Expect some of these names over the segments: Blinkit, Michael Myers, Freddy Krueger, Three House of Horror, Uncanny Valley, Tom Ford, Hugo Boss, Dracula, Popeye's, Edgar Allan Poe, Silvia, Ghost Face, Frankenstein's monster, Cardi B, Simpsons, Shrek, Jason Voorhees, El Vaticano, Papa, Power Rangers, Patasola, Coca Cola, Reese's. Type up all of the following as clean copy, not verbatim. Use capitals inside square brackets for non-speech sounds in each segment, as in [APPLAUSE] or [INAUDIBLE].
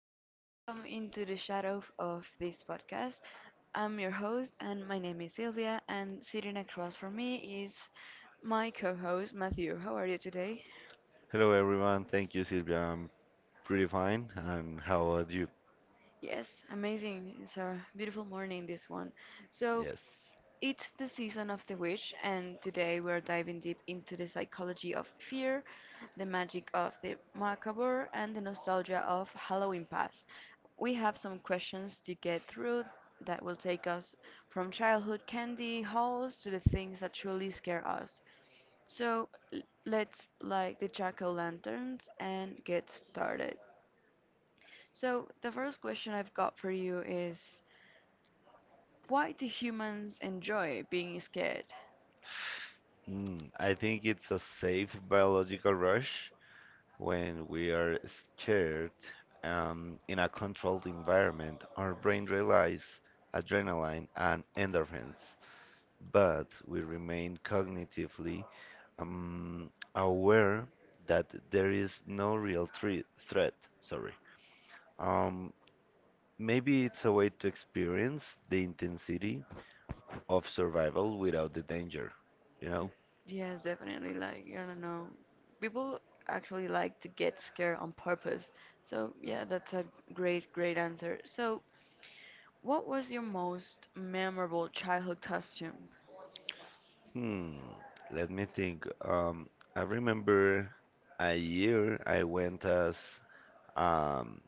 Okay, welcome into the shadow of this podcast. I'm your host, and my name is Sylvia, and sitting across from me is my co host, Matthew. How are you today? Hello everyone, thank you Silvia. I'm pretty fine. And how about you? Yes, amazing. It's a beautiful morning, this one. So, Yes. it's the season of the witch, and today we're diving deep into the psychology of fear, the magic of the macabre, and the nostalgia of Halloween past. We have some questions to get through that will take us from childhood candy hauls to the things that truly scare us. So, let's light the jack o' lanterns and get started. So, the first question I've got for you is, why do humans enjoy being scared? I think it's a safe biological rush when we are scared in a controlled environment. Our brain releases adrenaline and endorphins, but we remain cognitively um, aware that there is no real threat. Sorry. Um, Maybe it's a way to experience the intensity of survival without the danger, you know? Yes, definitely. Like, I don't know. People actually like to get scared on purpose. So, yeah, that's a great, great answer. So, what was your most memorable childhood costume? Hmm, Let me think. I remember a year I went as um,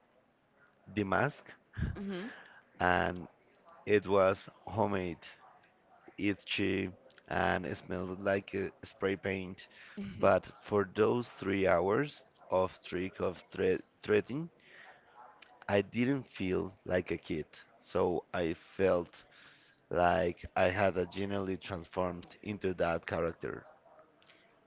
the mask, Mm-hmm. [LAUGHS] and it was homemade, itchy, and it smelled like a spray paint. But for those 3 hours of trick of thre threading, I didn't feel like a kid. So I felt like I had a genuinely transformed into that character.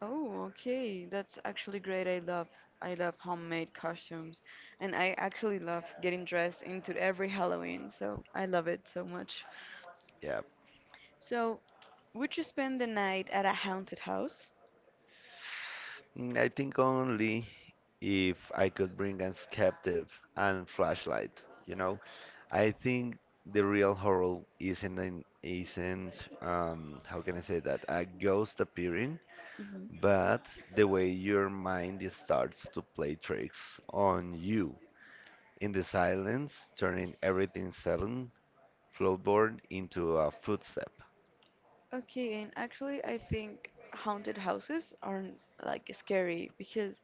Oh, okay. That's actually great. I love homemade costumes, and I actually love getting dressed into every Halloween, so I love it so much. Yeah. So, would you spend the night at a haunted house? I think only if I could bring a captive and flashlight. You know, I think the real horror isn't how can I say that a ghost appearing, Hmm. but the way your starts to play tricks on you in the silence, turning everything sudden floorboard into a footstep. Okay, and actually, I think haunted houses aren't like scary, because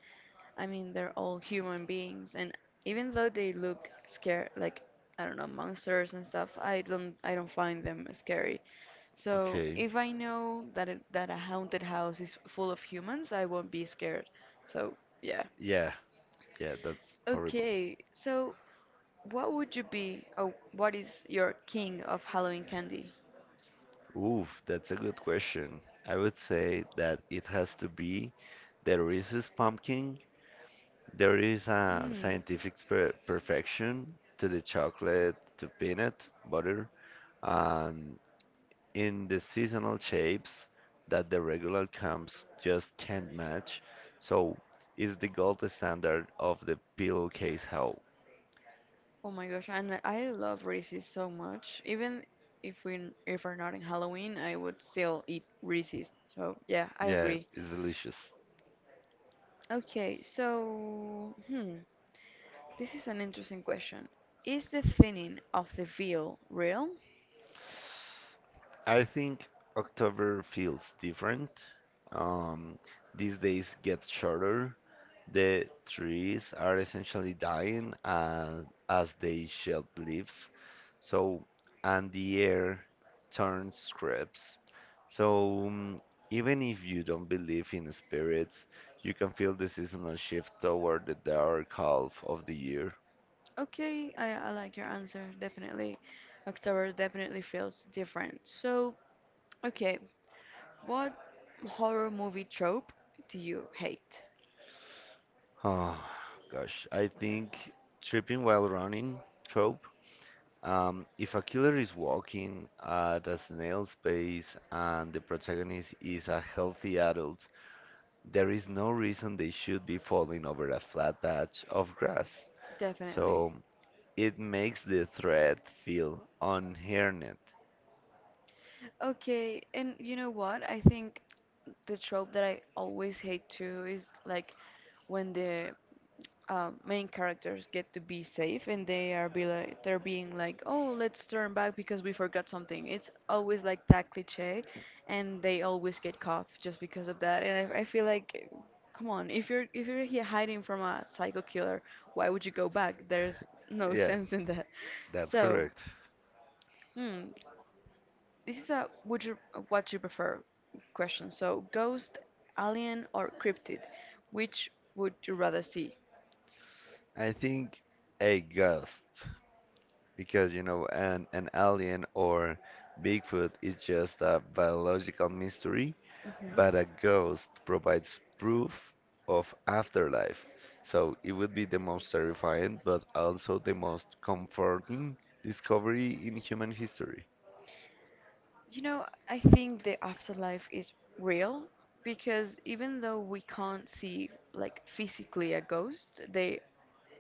I mean they're all human beings, and even though they look scare like, I don't know, monsters and stuff, I don't find them scary. So Okay, if I know that that a haunted house is full of humans, I won't be scared. So yeah. yeah, yeah, that's horrible. Okay, so what would you be, or what is your king of Halloween candy? Oof, that's a good question. I would say that it has to be the Reese's pumpkin. There is a Mm. scientific perfection to the chocolate, to peanut butter, and in the seasonal shapes that the regular comes just can't match. So it's the gold standard of the pillowcase how. Oh my gosh, and I love Reese's so much. Even if we if we're not in Halloween, I would still eat Reese's. So yeah, I Yeah, agree. it's delicious. Okay, so this is an interesting question. Is the thinning of the veil real? I think October feels different. Um, these days get shorter. The trees are essentially dying as they shed leaves. So, and the air turns crisp. So, even if you don't believe in spirits, you can feel the seasonal shift toward the dark half of the year. [SIGHS] Okay, I like your answer, definitely. October definitely feels different. So, okay, what horror movie trope do you hate? Oh, gosh, I think tripping while running trope. If a killer is walking at a snail's pace and the protagonist is a healthy adult, there is no reason they should be falling over a flat patch of grass. Definitely. So it makes the threat feel unhinged. Okay, and you know what? I think the trope that I always hate too is like, when the main characters get to be safe and they are be like they're being like, oh, let's turn back because we forgot something, it's always like that cliche, and they always get caught just because of that. And I feel like, come on, if you're here hiding from a psycho killer, why would you go back? There's no [LAUGHS] Yeah, sense in that. that's So, correct. hmm, this is a would you, what you prefer question. So, ghost, alien, or cryptid, which would you rather see? I think a ghost, because you know, an alien or Bigfoot is just a biological mystery, hmm but a ghost provides proof of afterlife. So it would be the most terrifying, but also the most comforting discovery in human history. You know, I think the afterlife is real, because even though we can't see like physically a ghost,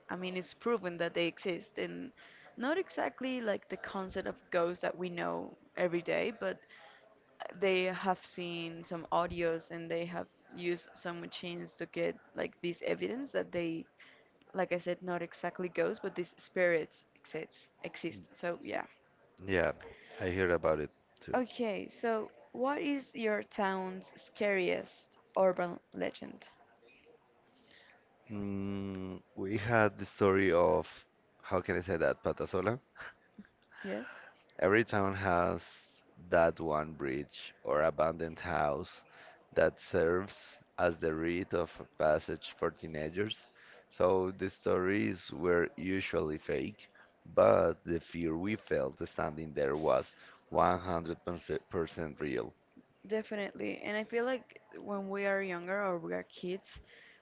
I mean, it's proven that they exist, and not exactly like the concept of ghost that we know every day, but they have seen some audios and they have used some machines to get like this evidence that they, like I said, not exactly ghosts, but these spirits exist. So yeah. Yeah, I hear about it too. Okay, so what is your town's scariest urban legend? We had the story of, how can I say that, Patasola? Yes. Every town has that one bridge or abandoned house that serves as the rite of passage for teenagers, so the stories were usually fake, but the fear we felt standing there was 100% real. Definitely. And I feel like when we are younger or we are kids,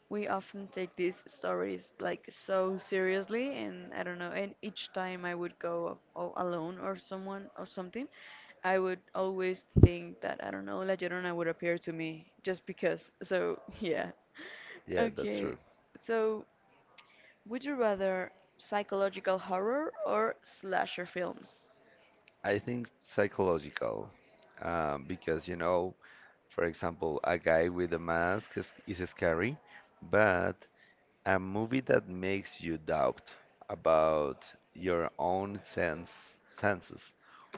we often take these stories like so seriously. And I don't know, and each time I would go all alone or someone or something, I would always think that, I don't know, La Llorona would appear to me just because. So, [LAUGHS] yeah. Yeah, that's Okay. true. So, would you rather psychological horror or slasher films? I think psychological, because you know, for example, a guy with a mask is scary, but a movie that makes you doubt about your own senses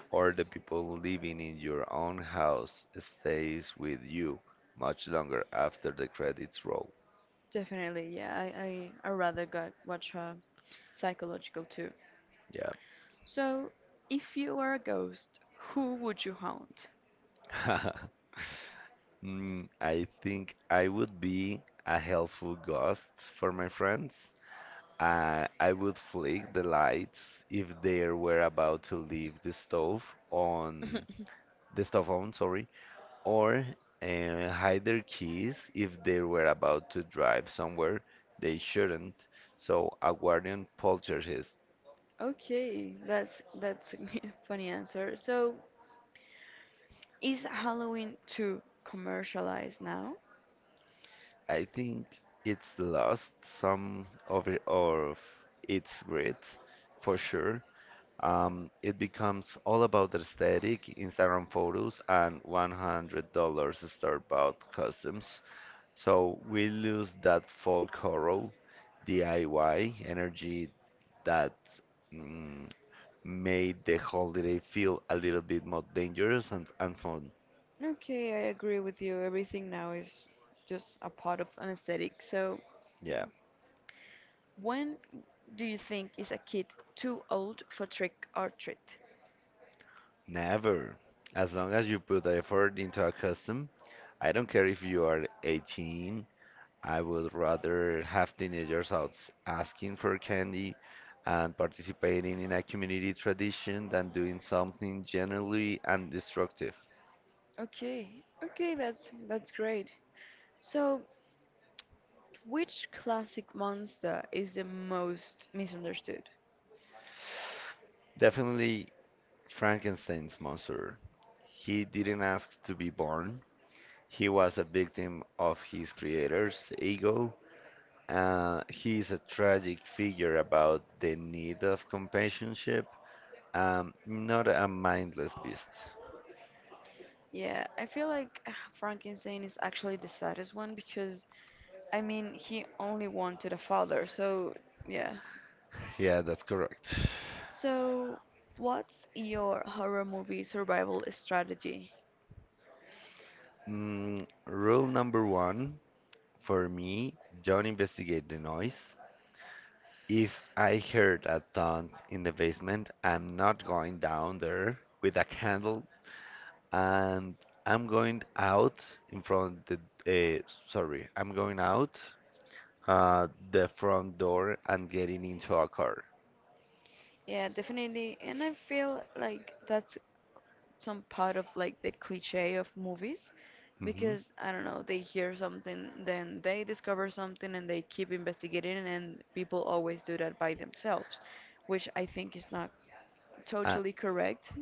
or the people living in your own house stays with you much longer after the credits roll. Definitely, yeah. I rather go watch a psychological too. So, if you were a ghost, who would you haunt? Yeah. [LAUGHS] I think I would be a helpful ghost for my friends. I would flick the lights if they were about to leave on [LAUGHS] the stove on, sorry or hide their keys if they were about to drive somewhere they shouldn't. So a guardian poltergeist. Okay, that's a [LAUGHS] funny answer. So, is Halloween too commercialized now? I think it's lost some of its grit for sure. It becomes all about aesthetic, Instagram photos, and $100 store-bought costumes. So we lose that folk horror, DIY energy that mm, made the holiday feel a little bit more dangerous and fun. Okay, I agree with you. Everything now is just a part of an aesthetic. So, Yeah, when do you think is a kid too old for trick or treat? never. As long as you put effort into a custom, I don't care if you are 18, I would rather have teenagers asking for candy and participating in a community tradition than doing something generally undestructive. Okay, okay, that's great. So, which classic monster is the most misunderstood? Definitely Frankenstein's monster. He didn't ask to be born. He was a victim of his creator's ego. He's a tragic figure about the need of companionship, not a mindless beast. Yeah, I feel like Frankenstein is actually the saddest one because, I mean, he only wanted a father, so yeah. Yeah, that's correct. So, what's your horror movie survival strategy? Rule number one for me, don't investigate the noise. If I heard a thump in the basement, I'm not going down there with a candle, and I'm going out in front of the, uh, I'm going out the front door and getting into a car. Yeah, definitely. And I feel like that's some part of like the cliche of movies, Hmm. because, I don't know, they hear something, then they discover something and they keep investigating, and people always do that by themselves, which I think is not And, totally correct.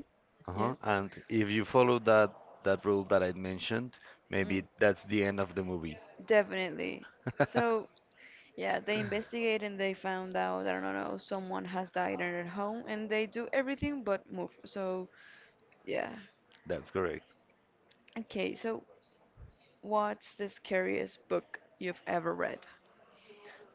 Yes. If you follow that rule that I mentioned, Mm. maybe that's the end of the movie. Definitely. So, [LAUGHS] yeah, they investigate and they found out, I don't know, someone has died in their home and they do everything but move. So, yeah. That's correct. Okay, so what's the scariest book you've ever read?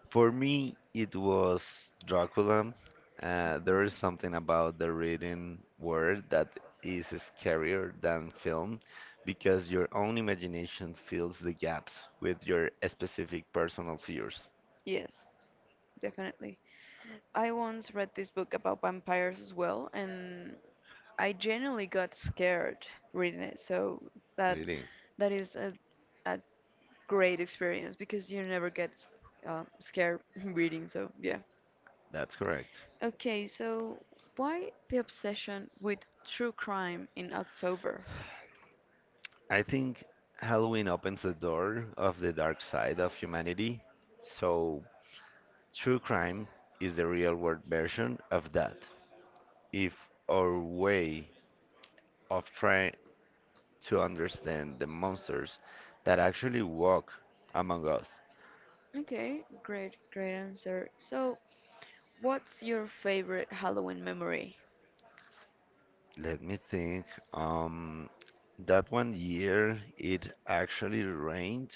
For me, it was Dracula. There is something about the written word that is scarier than film because your own imagination fills the gaps with your specific personal fears. Yes, definitely. I once read this book about vampires as well, and I genuinely got scared reading it. So, that Really, is a great experience, because you never get scared [LAUGHS] reading. So yeah. that's correct. Okay, so why the obsession with true crime in October? I think Halloween opens the door of the dark side of humanity. So, true crime is the real world version of that. If our way of trying to understand the monsters that actually walk among us. Okay, great, great answer. So, what's your favorite Halloween memory? Let me think. Um, that one year it actually rained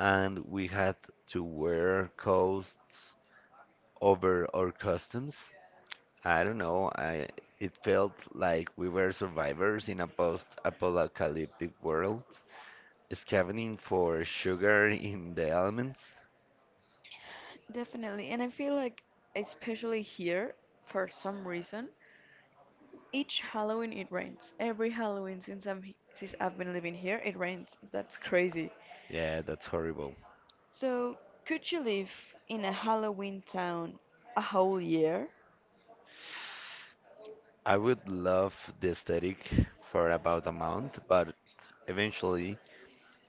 and we had to wear coats over our costumes. I don't know. I it felt like we were survivors in a post-apocalyptic world, scavenging for sugar in the elements. Definitely, and I feel like, especially here, for some reason, each Halloween it rains. Every Halloween since since I've been living here, it rains. That's crazy. Yeah, that's horrible. So, could you live in a Halloween town a whole year? I would love the aesthetic for about a month, but eventually,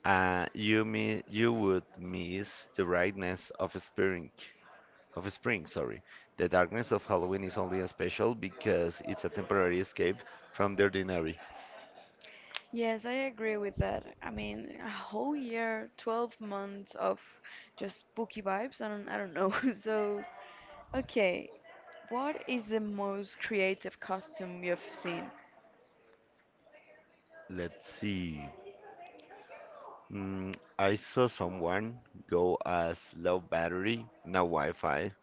you would miss the brightness of spring, sorry. The darkness of Halloween is only special because it's a temporary escape from the ordinary. Yes, I agree with that. I mean, a whole year, 12 months of just spooky vibes. I don't know. [LAUGHS] So, okay, what is the most creative costume you've seen? Let's see. I saw someone go as low battery, no Wi-Fi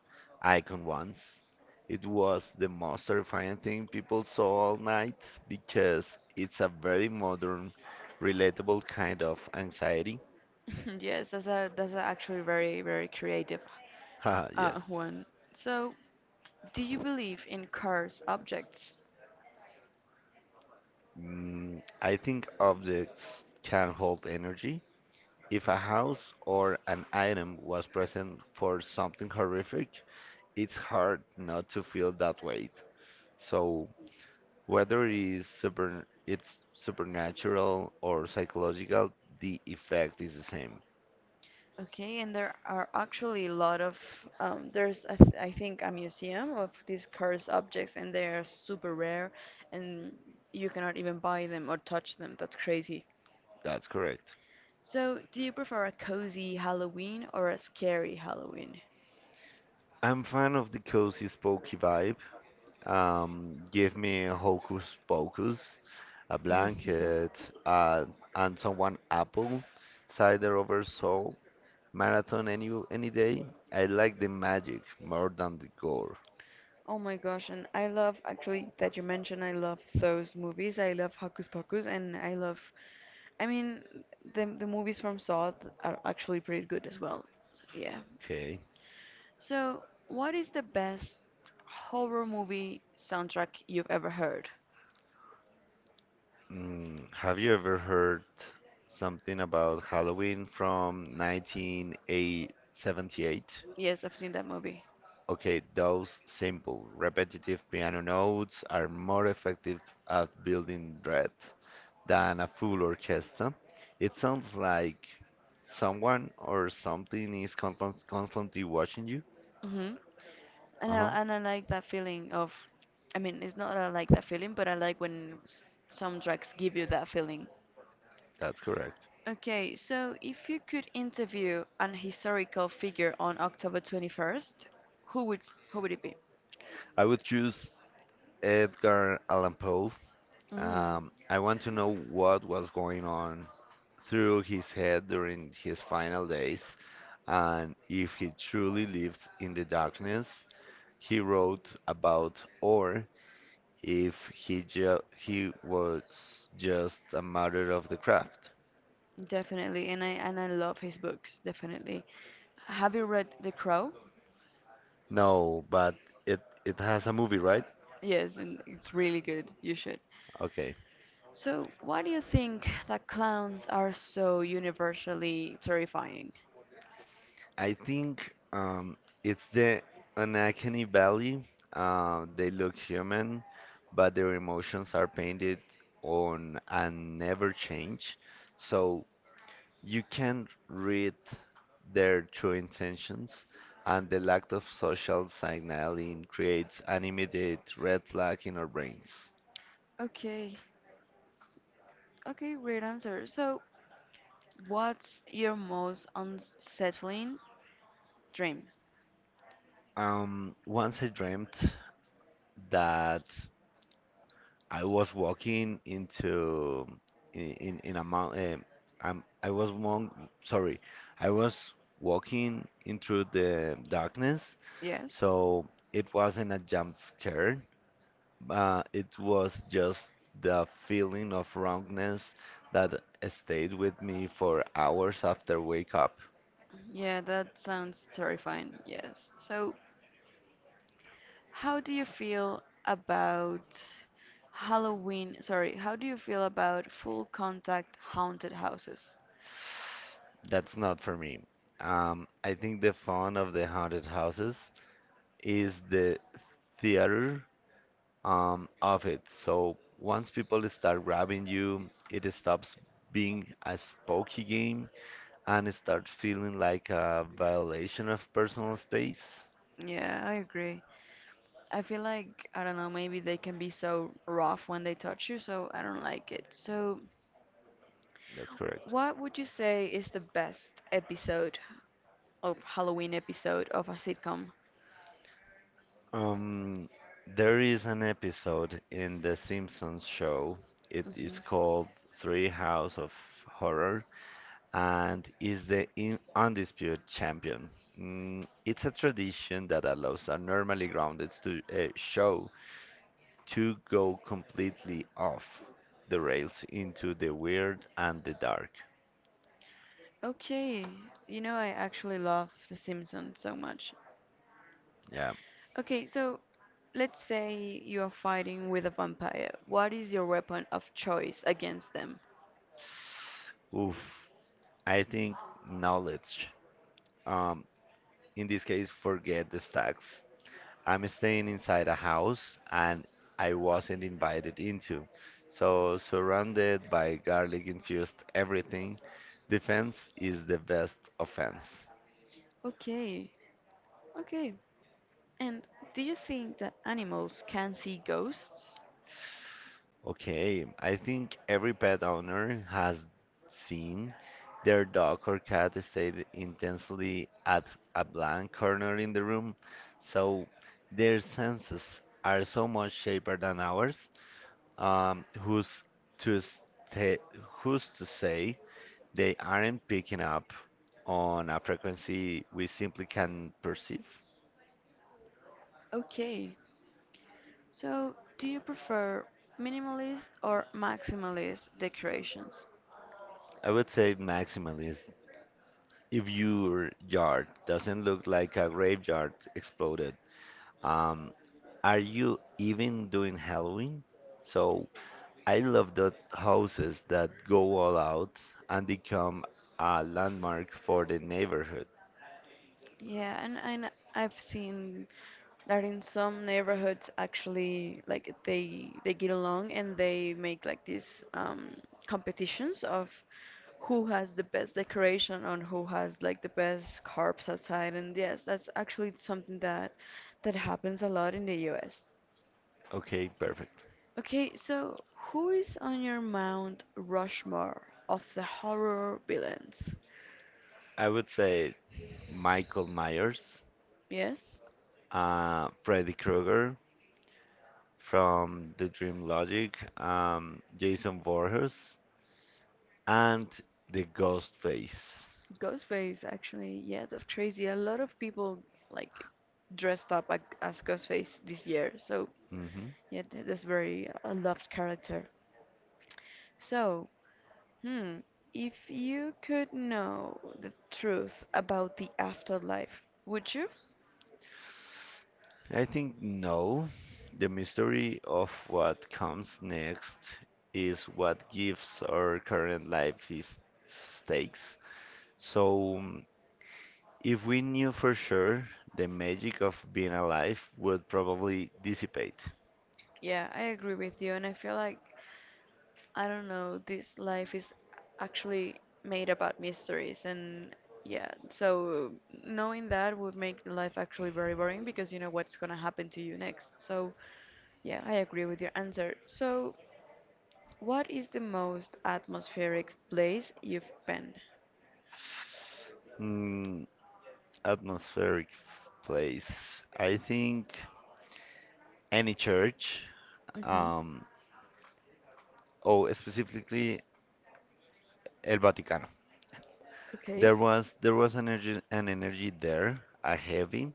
icon once. It was the most terrifying thing people saw all night because it's a very modern, relatable kind of anxiety. [LAUGHS] Yes, that's a actually very very creative [LAUGHS] Haha, yes. One. So, do you believe in cars objects? I think objects can hold energy. If a house or an item was present for something horrific, it's hard not to feel that weight. So whether it's supernatural or psychological, the effect is the same. Okay, and there are actually a lot of there's a I think a museum of these cursed objects, and they are super rare, and you cannot even buy them or touch them. That's crazy. That's correct. So, do you prefer a cozy Halloween or a scary Halloween? I'm fan of the cozy, spooky vibe. Give me a hocus pocus, a [LAUGHS] Mhm. blanket, uh, and someone apple, cider over salt, marathon any day. I like the magic more than the gore. Oh my gosh, and I love actually that you mentioned, I love those movies. I love Hocus Pocus, and I mean the movies from Saw are actually pretty good as well. So, yeah. Okay. So, what is the best horror movie soundtrack you've ever heard? Have you ever heard something about Halloween from 1978? Yes, I've seen that movie. Okay, those simple, repetitive piano notes are more effective at building dread than a full orchestra. It sounds like someone or something is constantly watching you. Mhm. And Uh-huh, I and I like that feeling of, I mean, it's not that I like that feeling, but I like when soundtracks give you that feeling. that's correct. Okay, so if you could interview an historical figure on October 21st, who would who would it be? I would choose Edgar Allan Poe. Mm, I want to know what was going on through his head during his final days, and if he truly lives in the darkness he wrote about, or if he was just a matter of the craft. definitely, and I love his books, definitely. Have you read The Crow? No, but it has a movie, right? Yes, and it's really good. You should. Okay. So, why do you think that clowns are so universally terrifying? I think it's the Uncanny Valley. They look human, but their emotions are painted on and never change. So you can read their true intentions, and the lack of social signaling creates an immediate red flag in our brains. Okay, okay, great answer. So, what's your most unsettling dream? Once I dreamt that I was walking in a mountain. Um, I was mon sorry, I was walking into the darkness, Yes. so it wasn't a jump scare. It was just the feeling of wrongness that stayed with me for hours after wake up. Yeah, that sounds terrifying. Yes. So, how do you feel about Halloween? Sorry, how do you feel about full contact haunted houses? That's not for me. I think the fun of the haunted houses is the theater of it. So once people start grabbing you, it stops being a spooky game and it starts feeling like a violation of personal space. Yeah, I agree. I feel like, I don't know, maybe they can be so rough when they touch you, so I don't like it. So, That's correct. what would you say is the best episode of Halloween episode of a sitcom? Um, there is an episode in the Simpsons show. It Hmm. is called Three House of Horror and is the in undisputed champion. It's a tradition that allows a normally grounded stu show to go completely off the rails into the weird and the dark. Okay, I actually love The Simpsons so much. Yeah. Okay, so let's say you are fighting with a vampire. What is your weapon of choice against them? Oof. I think knowledge. Um, in this case, forget the stacks. I'm staying inside a house and I wasn't invited into. So, surrounded by garlic infused everything, defense is the best offense. Okay, okay. And do you think that animals can see ghosts? Okay, I think every pet owner has seen their dog or cat stay intensely at a blank corner in the room. So, their senses are so much sharper than ours. Um, who's to stay, Who's to say they aren't picking up on a frequency we simply can perceive. Okay, so do you prefer minimalist or maximalist decorations? I would say maximally is, if your yard doesn't look like a graveyard exploded, um, are you even doing Halloween? So I love the houses that go all out and become a landmark for the neighborhood. Yeah, and, I've seen that in some neighborhoods actually like they get along, and they make like these competitions of who has the best decoration and who has like the best carps outside, and yes, that's actually something that happens a lot in the US. Okay, perfect. Okay, so who is on your Mount Rushmore of the horror villains? I would say Michael Myers, Yes? Freddy Krueger, from the Dream Logic, Jason Voorhees, and the Ghost Face. Ghostface, actually. Yeah, that's crazy. A lot of people like dressed up like, as Ghostface this year. So Hmm. yeah, that's very a loved character. So, hmm, if you could know the truth about the afterlife, would you? I think no. The mystery of what comes next is what gives our current life its stakes. So, if we knew for sure, the magic of being alive would probably dissipate. Yeah, I agree with you, and I feel like, I don't know, this life is actually made about mysteries and, yeah, so knowing that would make the life actually very boring, because you know what's gonna happen to you next. So yeah, I agree with your answer. So, what is the most atmospheric place you've been? Mm, Atmospheric place. I think any church, hmm um, or specifically El Vaticano. Okay. There was an energy there, a heavy,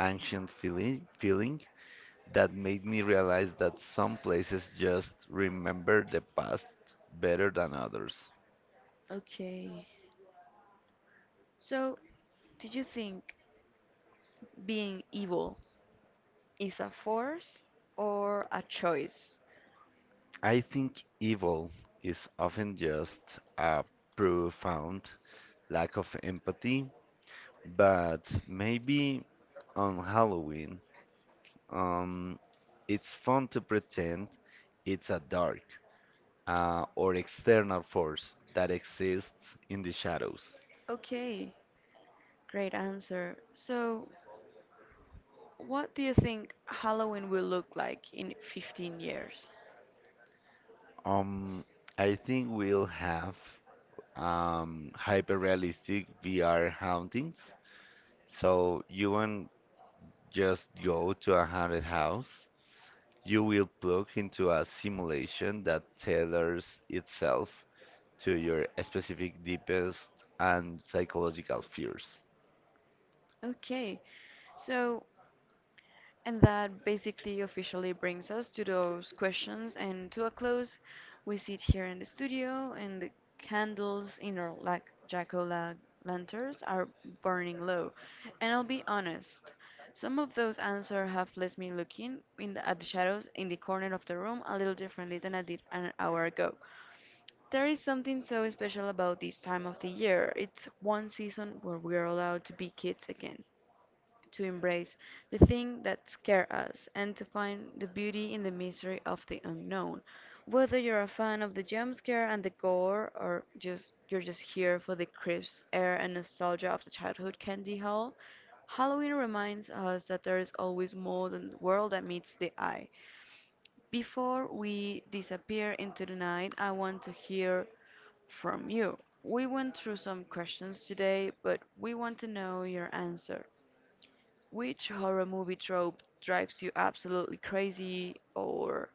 ancient feeling that made me realize that some places just remember the past better than others. Okay. So, do you think being evil is a force or a choice? I think evil is often just a profound lack of empathy, but maybe on Halloween Um, it's fun to pretend it's a dark or external force that exists in the shadows. Okay, great answer. So, what do you think Halloween will look like in 15 years? Um, I think we'll have hyper-realistic VR hauntings. So you won't just go to a haunted house. You will plug into a simulation that tailors itself to your specific deepest and psychological fears. Okay, so, and that basically officially brings us to those questions and to a close. We sit here in the studio and the candles in our like Jacola lanterns are burning low. And I'll be honest, some of those answers have left me looking in at the shadows in the corner of the room a little differently than I did an hour ago. There is something so special about this time of the year. It's one season where we are allowed to be kids again, to embrace the thing that scare us, and to find the beauty in the mystery of the unknown. Whether you're a fan of the jump scare and the gore, or just you're just here for the crisp air and nostalgia of the childhood candy haul, Halloween reminds us that there is always more than the world that meets the eye. Before we disappear into the night, I want to hear from you. We went through some questions today, but we want to know your answer. Which horror movie trope drives you absolutely crazy? Or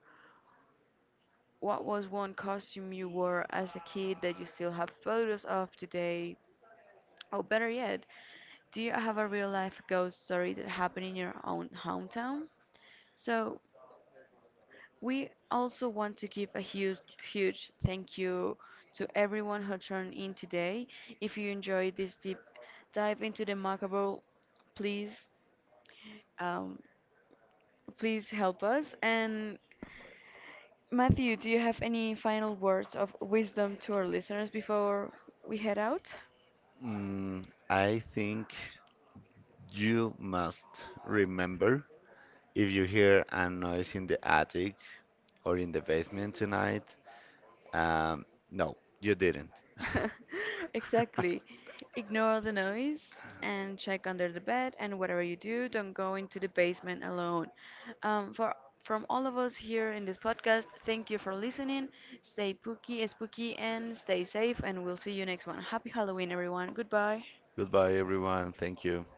what was one costume you wore as a kid that you still have photos of today? Oh, better yet, do you have a real life ghost story that happened in your own hometown? So, we also want to give a huge, huge thank you to everyone who turned in today. If you enjoyed this deep dive into the macabre, please, um, please help us, and Matthew, do you have any final words of wisdom to our listeners before we head out? I think you must remember if you hear a noise in the attic or in the basement tonight. Um, no, you didn't. [LAUGHS] [LAUGHS] Exactly. Ignore the noise and check under the bed, and whatever you do, don't go into the basement alone. For from all of us here in this podcast, thank you for listening. Stay spooky, and stay safe. And we'll see you next one. Happy Halloween, everyone. Goodbye. Goodbye, everyone. Thank you.